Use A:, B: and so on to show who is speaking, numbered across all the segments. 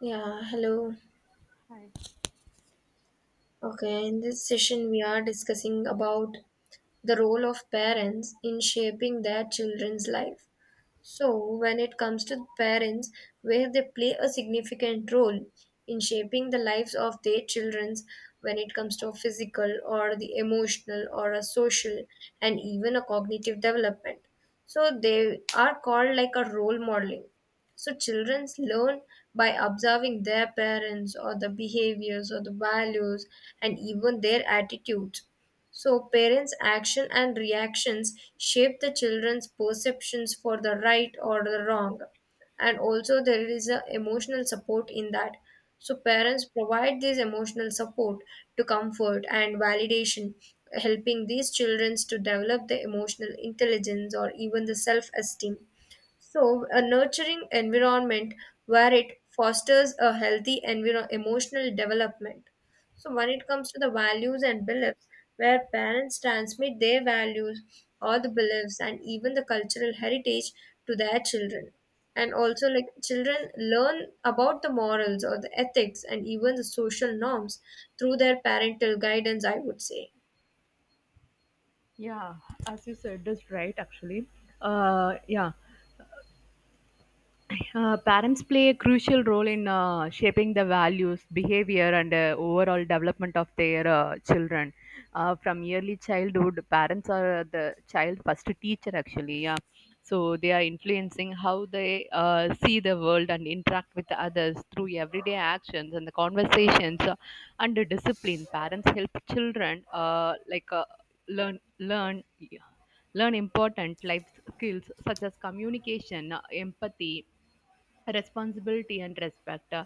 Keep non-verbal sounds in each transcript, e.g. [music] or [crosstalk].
A: Yeah, hello.
B: Hi.
A: Okay, in this session we are discussing about the role of parents in shaping their children's life. So when it comes to parents, where they play a significant role in shaping the lives of their children, when it comes to physical or the emotional or a social and even a cognitive development. So they are called like a role modeling. So children learn by observing their parents or the behaviors or the values and even their attitudes. So parents' action and reactions shape the children's perceptions for the right or the wrong. And also, there is a emotional support in that. So parents provide this emotional support to comfort and validation, helping these children to develop the emotional intelligence or even the self esteem. So a nurturing environment where it fosters a healthy emotional development. So when it comes to the values and beliefs, where parents transmit their values or the beliefs and even the cultural heritage to their children. And also, like children learn about the morals or the ethics and even the social norms through their parental guidance, I would say.
B: Yeah, as you said, is right actually. Uh, yeah. Parents play a crucial role in shaping the values, behavior, and overall development of their children. From early childhood, parents are the child first teacher, actually. Yeah. So they are influencing how they see the world and interact with others through everyday actions and the conversations and the discipline. Parents help children learn learn yeah, learn important life skills such as communication, empathy, responsibility and respect.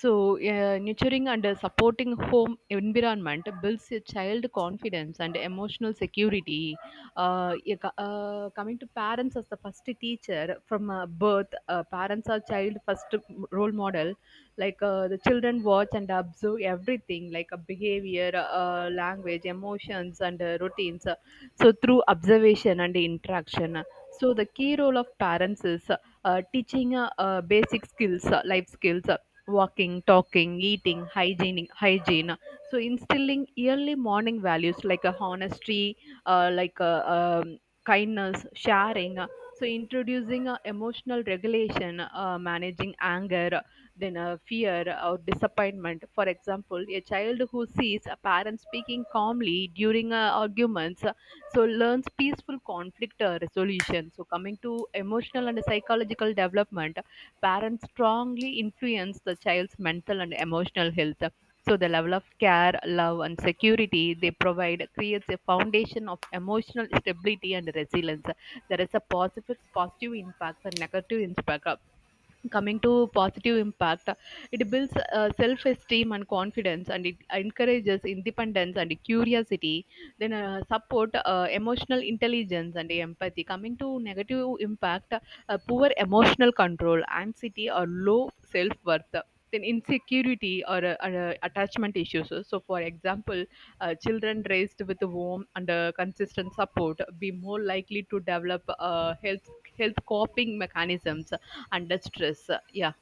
B: So, Nurturing and supporting home environment builds a child confidence and emotional security. Yeah, coming to parents as the first teacher from birth, parents are child first role model. Like the children watch and observe everything, like a behavior, language, emotions, and routines. So, through observation and interaction. So the key role of parents is teaching basic skills, life skills, walking, talking, eating, hygiene. So instilling early morning values like honesty, uh, like uh, um, kindness, sharing. So introducing emotional regulation, managing anger, then fear or disappointment. For example, a child who sees a parent speaking calmly during arguments so learns peaceful conflict resolution. So coming to emotional and psychological development, parents strongly influence the child's mental and emotional health. So the level of care, love and security they provide creates a foundation of emotional stability and resilience. There is a positive impact and negative impact. Coming to positive impact, it builds self-esteem and confidence, and it encourages independence and curiosity, then support emotional intelligence and empathy. Coming to negative impact, poor emotional control, anxiety or low self-worth, then insecurity or, attachment issues. So for example, children raised with warm and consistent support be more likely to develop health coping mechanisms under stress. Yeah.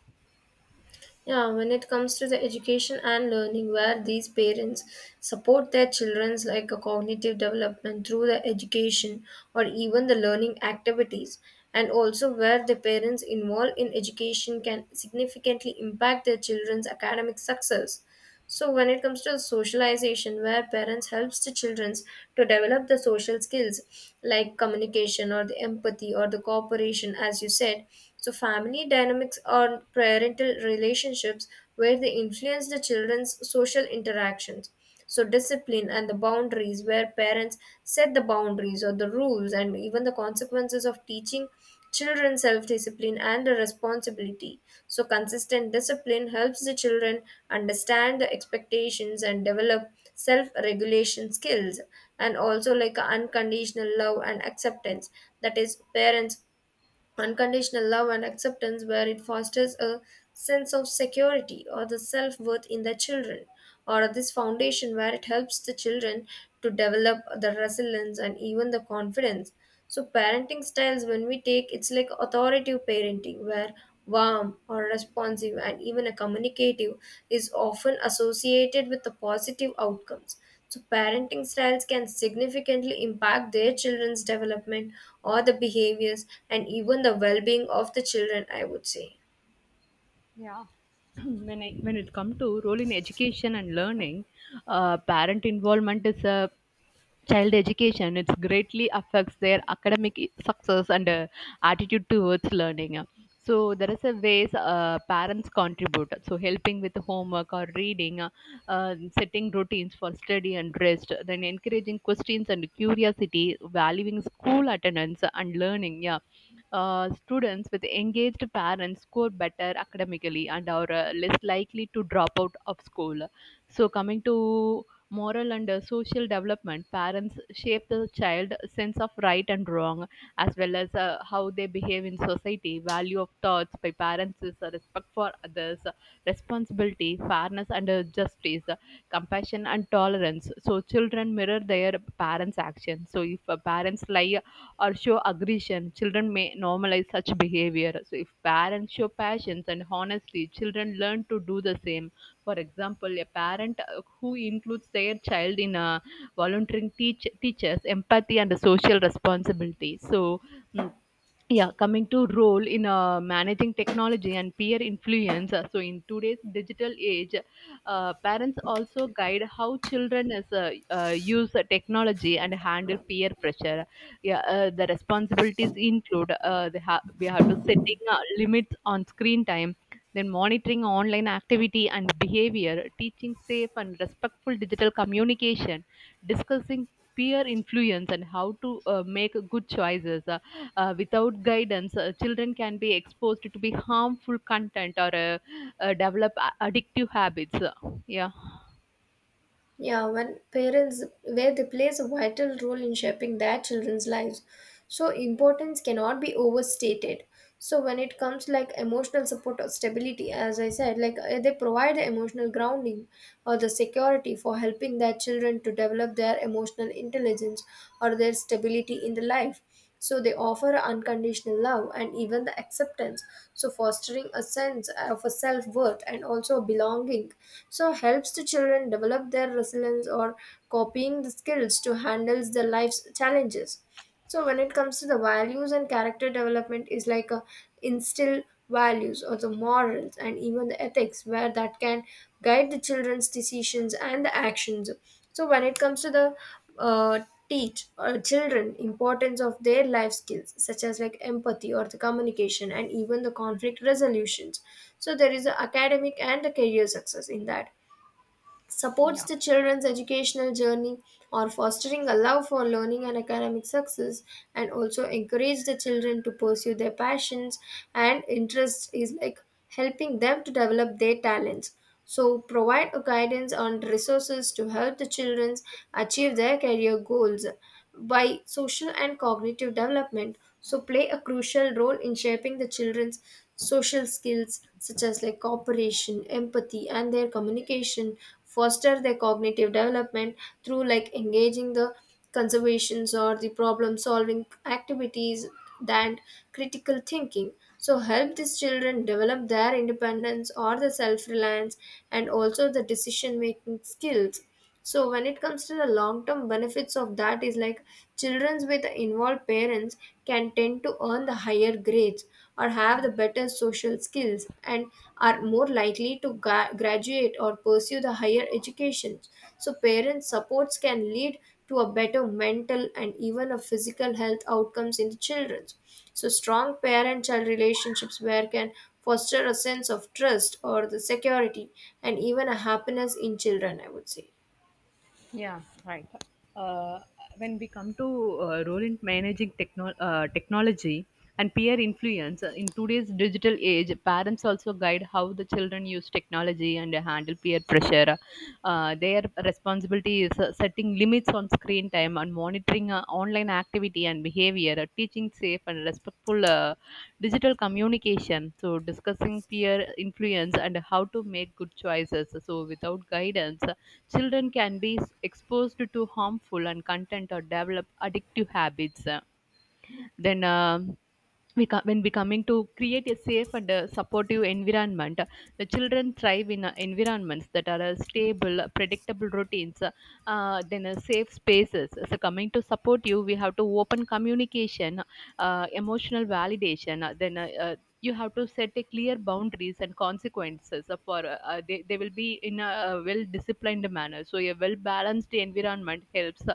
A: Yeah, when it comes to the education and learning, where these parents support their children's like a cognitive development through the education or even the learning activities, and also where the parents involved in education can significantly impact their children's academic success. So when it comes to socialization, where parents helps the children to develop the social skills like communication or the empathy or the cooperation, as you said. So family dynamics or parental relationships where they influence the children's social interactions. So discipline and the boundaries, where parents set the boundaries or the rules and even the consequences of teaching children self discipline and the responsibility. So consistent discipline helps the children understand the expectations and develop self regulation skills, and also like unconditional love and acceptance. That is, parents unconditional love and acceptance, where it fosters a sense of security or the self worth in the children, or this foundation where it helps the children to develop the resilience and even the confidence. So parenting styles, when we take it's like authoritative parenting, where warm or responsive and even a communicative is often associated with the positive outcomes. So parenting styles can significantly impact their children's development or the behaviors and even the well being of the children, I would say.
B: Yeah. [clears throat] When it comes to role in education and learning, parent involvement is a child education. It greatly affects their academic success and attitude towards learning. So there is a ways parents contribute. So helping with homework or reading, setting routines for study and rest, then encouraging questions and curiosity, valuing school attendance and learning. Yeah, students with engaged parents score better academically and are less likely to drop out of school. So, coming to moral and social development, parents shape the child sense of right and wrong, as well as how they behave in society. Value of thoughts by parents is respect for others, responsibility, fairness, and justice, compassion and tolerance. So children mirror their parents actions. So if parents lie or show aggression, children may normalize such behavior. So, if parents show passions and honesty, children learn to do the same. For example, a parent who includes their child in a volunteering teaches empathy and social responsibility. Mm, yeah, coming to role in managing technology and peer influence. So in today's digital age, parents also guide how children use technology and handle peer pressure. Yeah, the responsibilities include we have to setting limits on screen time, then monitoring online activity and behavior, teaching safe and respectful digital communication, discussing peer influence and how to make good choices. Without guidance, children can be exposed to be harmful content or develop addictive habits. Yeah.
A: Yeah, when parents, where they plays a vital role in shaping their children's lives. So importance cannot be overstated. So when it comes like emotional support or stability, as I said, like they provide the emotional grounding or the security for helping their children to develop their emotional intelligence or their stability in the life. So they offer unconditional love and even the acceptance. So fostering a sense of a self-worth and also belonging. So helps the children develop their resilience or copying the skills to handle the life's challenges. So when it comes to the values and character development is like a instill values or the morals and even the ethics where that can guide the children's decisions and the actions. So when it comes to the uh, teach children importance of their life skills such as like empathy or the communication and even the conflict resolutions, so there is a academic and the career success in that, supports the children's educational journey or fostering a love for learning and academic success, and also encourage the children to pursue their passions and interests is like helping them to develop their talents. So provide a guidance on resources to help the children achieve their career goals by social and cognitive development, so play a crucial role in shaping the children's social skills such as like cooperation, empathy and their communication, foster their cognitive development through like engaging the conservations or the problem solving activities and critical thinking. So help these children develop their independence or the self reliance and also the decision making skills. So when it comes to the long term benefits of that is like children with involved parents can tend to earn the higher grades or have the better social skills, and are more likely to graduate or pursue the higher education. So parents supports can lead to a better mental and even a physical health outcomes in the children. So strong parent child relationships where can foster a sense of trust or the security and even a happiness in children, I would say.
B: Yeah, right. Uh, when we come to role in managing technology and peer influence. Uh, in today's digital age, parents also guide how the children use technology and handle peer pressure. Their responsibility is setting limits on screen time and monitoring online activity and behavior, teaching safe and respectful digital communication. So, discussing peer influence and how to make good choices. So, without guidance, children can be exposed to harmful and content or develop addictive habits. Then, we co- when we coming to create a safe and supportive environment, the children thrive in environments that are stable, predictable routines, then safe spaces. So coming to support, you we have to open communication, emotional validation, then you have to set a clear boundaries and consequences for they will be in a well disciplined manner. So a well balanced environment helps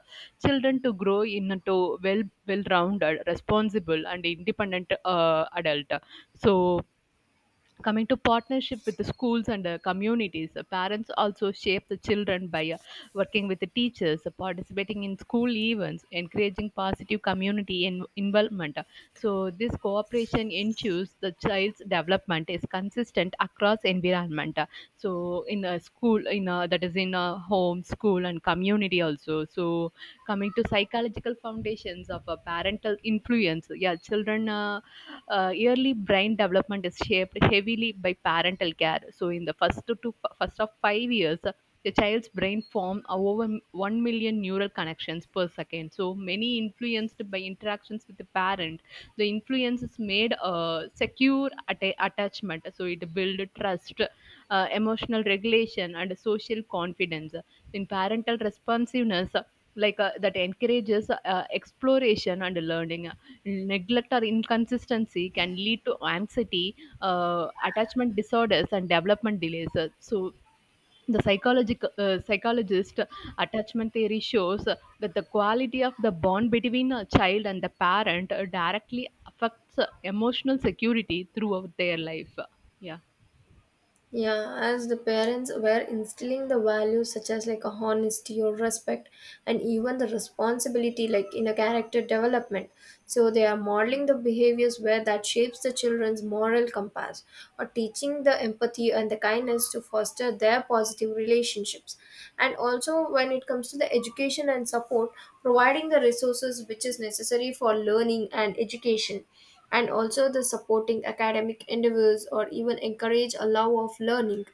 B: children to grow into well rounded, responsible and independent adult. So coming to partnership with the schools and communities, parents also shape the children by working with the teachers, participating in school events, encouraging positive community involvement. So this cooperation ensures the child's development is consistent across environment. So in a school, that is in a home, school and community also. So coming to psychological foundations of a parental influence. Yeah, children early brain development is shaped heavily by parental care. So, in the first of 5 years, the child's brain forms over 1 million neural connections per second. So, many influenced by interactions with the parent. The influence is made secure attachment. So, it builds trust, emotional regulation, and social confidence in parental responsiveness. That encourages exploration and learning. Neglect or inconsistency can lead to anxiety, attachment disorders and development delays. So the psychological psychologist attachment theory shows that the quality of the bond between a child and the parent directly affects emotional security throughout their life. Yeah.
A: Yeah, as the parents were instilling the values such as like a honesty or respect and even the responsibility like in a character development. So they are modeling the behaviors where that shapes the children's moral compass or teaching the empathy and the kindness to foster their positive relationships. And also when it comes to the education and support, providing the resources which is necessary for learning and education, and also the supporting academic endeavors or even encourage a love of learning,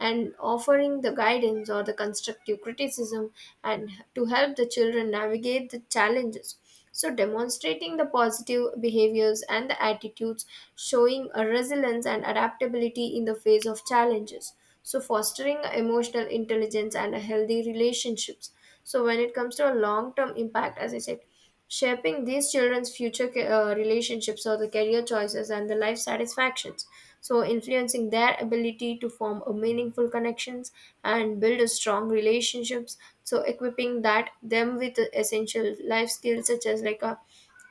A: and offering the guidance or the constructive criticism, and to help the children navigate the challenges. So demonstrating the positive behaviors and the attitudes, showing a resilience and adaptability in the face of challenges, so fostering emotional intelligence and a healthy relationships. So when it comes to a long-term impact, as I said, shaping these children's future relationships or the career choices and the life satisfactions. So influencing their ability to form a meaningful connections and build a strong relationships. So equipping that them with the essential life skills such as like a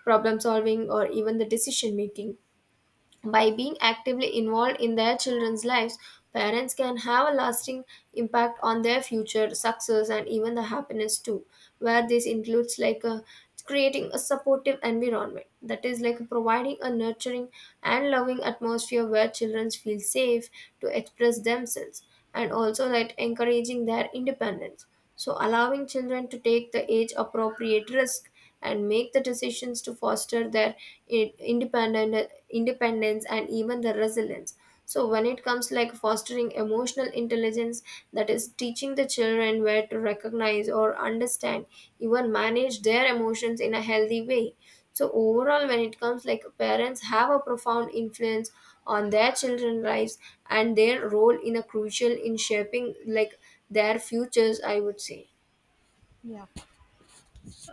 A: problem solving or even the decision making. By being actively involved in their children's lives, parents can have a lasting impact on their future success and even the happiness too, where this includes like a creating a supportive environment, that is like providing a nurturing and loving atmosphere where children feel safe to express themselves, and also that encouraging their independence. So allowing children to take the age appropriate risk and make the decisions to foster their independence and even the resilience. So when it comes like fostering emotional intelligence, that is teaching the children where to recognize or understand even manage their emotions in a healthy way. So overall when it comes like parents have a profound influence on their children's lives and their role in a crucial in shaping like their futures, I would say.
B: Yeah.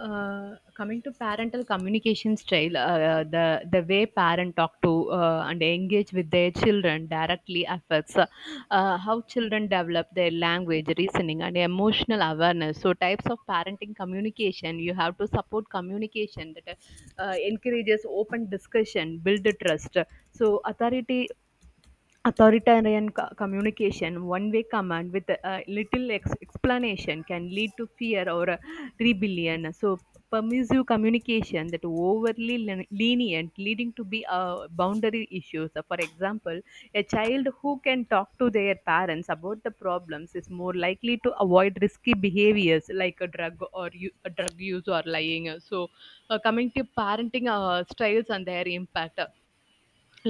B: Coming to parental communication style, the way parents talk to and engage with their children directly affects how children develop their language, reasoning, and emotional awareness. So, types of parenting communication: you have to support communication that encourages open discussion, build trust. So, authority Authoritarian communication, one way command with little explanation, can lead to fear or rebellion. So, permissive communication that overly lenient, leading to be boundary issues. For example, a child who can talk to their parents about the problems is more likely to avoid risky behaviors like a drug or a drug use or lying. So, coming to parenting styles and their impact,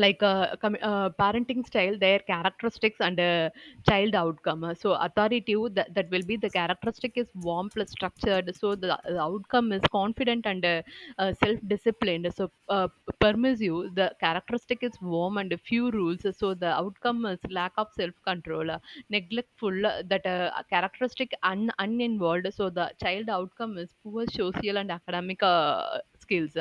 B: parenting style, their characteristics and child outcome. So authoritative, that will be the characteristic is warm plus structured, so the outcome is confident and self-disciplined. Permissive: the characteristic is warm and few rules, so the outcome is lack of self-control. Neglectful, that characteristic uninvolved, so the child outcome is poor social and academic skills.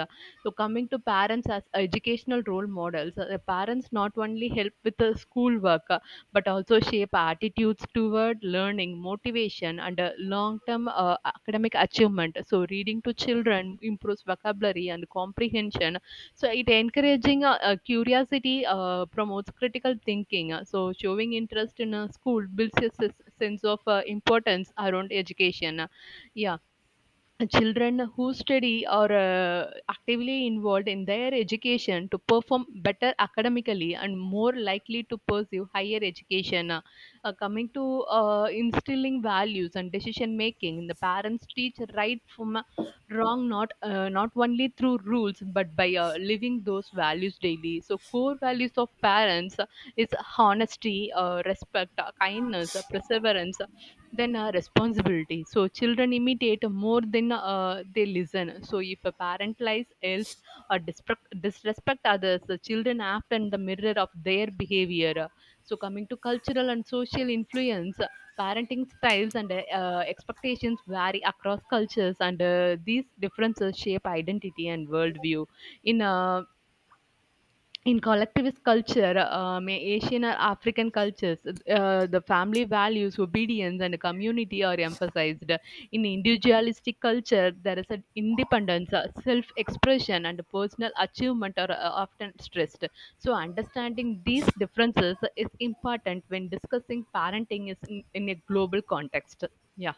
B: So coming to parents as educational role models, the parents not only help with the schoolwork but also shape attitudes toward learning, motivation, and long-term academic achievement. So reading to children improves vocabulary and comprehension. So it encouraging curiosity, promotes critical thinking. So showing interest in a school builds a sense of importance around education. Yeah, children who study or actively involved in their education to perform better academically and more likely to pursue higher education. Coming to instilling values and decision making, the parents teach right from wrong not only through rules but by living those values daily. So core values of parents is honesty, respect, kindness, perseverance, than a responsibility. So children imitate more than they listen. So if a parent lies, else or disrespect others, the children act in the mirror of their behavior. So coming to cultural and social influence, parenting styles and expectations vary across cultures, and these differences shape identity and worldview. In uh, in collectivist culture, Asian or African cultures, the family values, obedience, and community are emphasized. In individualistic culture, there is an independence, self expression, and personal achievement are often stressed. So, understanding these differences is important when discussing parenting is in a global context. Yeah.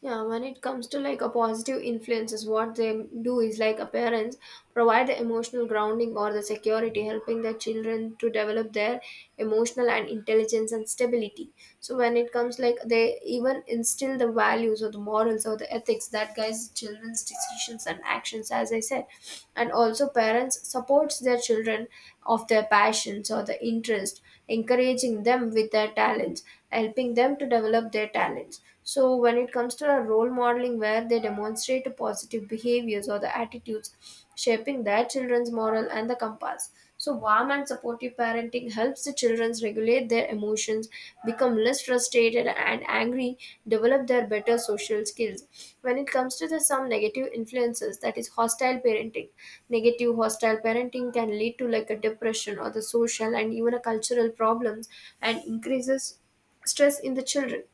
A: Yeah, when it comes to like a positive influences, what they do is like a parents provide the emotional grounding or the security, helping the children to develop their emotional and intelligence and stability. So when it comes like they even instill the values or the morals or the ethics that guides children's decisions and actions, as I said, and also parents supports their children of their passions or the interest, encouraging them with their talents, helping them to develop their talents. So when it comes to our role modeling, where they demonstrate positive behaviors or the attitudes shaping their children's moral and the compass. So warm and supportive parenting helps the children regulate their emotions, become less frustrated and angry, develop their better social skills. When it comes to the some negative influences, that is hostile parenting. Negative hostile parenting can lead to like a depression or the social and even a cultural problems and increases stress in the children.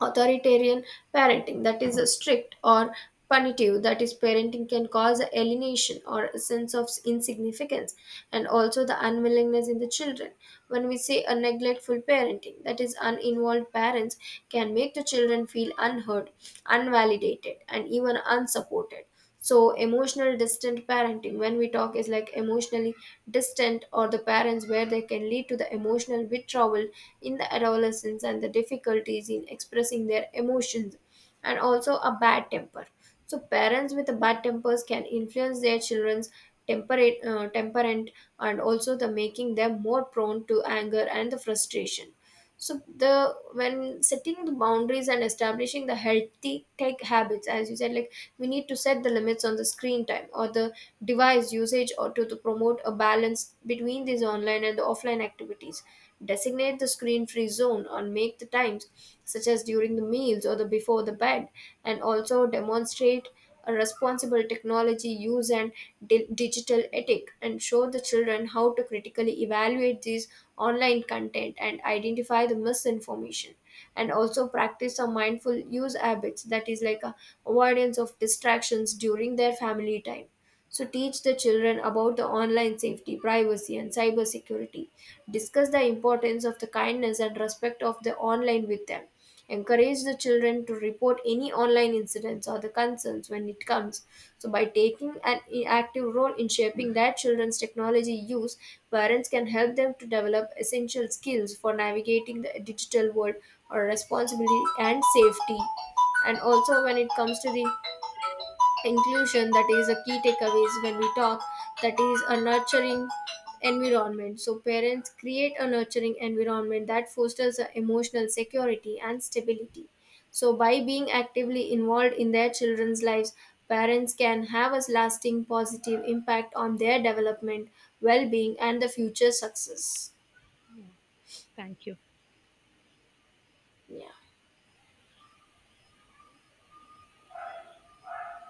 A: Authoritarian parenting, that is strict or punitive, that is parenting can cause alienation or a sense of insignificance and also the unwillingness in the children. When we say a neglectful parenting, that is uninvolved parents can make the children feel unheard, unvalidated and even unsupported. So emotional distant parenting when we talk is like emotionally distant or the parents where they can lead to the emotional withdrawal in the adolescence and the difficulties in expressing their emotions. And also a bad temper, so parents with the bad tempers can influence their children's temperament, and also the making them more prone to anger and the frustration. So the when setting the boundaries and establishing the healthy tech habits, as you said, like we need to set the limits on the screen time or the device usage, or to promote a balance between these online and the offline activities, designate the screen free zone or make the times such as during the meals or the before the bed, and also demonstrate a responsible technology use and digital ethic, and show the children how to critically evaluate these online content and identify the misinformation, and also practice a mindful use habits, that is like a avoidance of distractions during their family time. So teach the children about the online safety, privacy and cybersecurity, discuss the importance of the kindness and respect of the online with them, encourage the children to report any online incidents or the concerns when it comes. So by taking an active role in shaping their children's technology use, parents can help them to develop essential skills for navigating the digital world or responsibility and safety. And also when it comes to the inclusion, that is a key takeaways when we talk, that is a nurturing environment, so parents create a nurturing environment that fosters a emotional security and stability. So by being actively involved in their children's lives, parents can have a lasting positive impact on their development, well-being and the future success.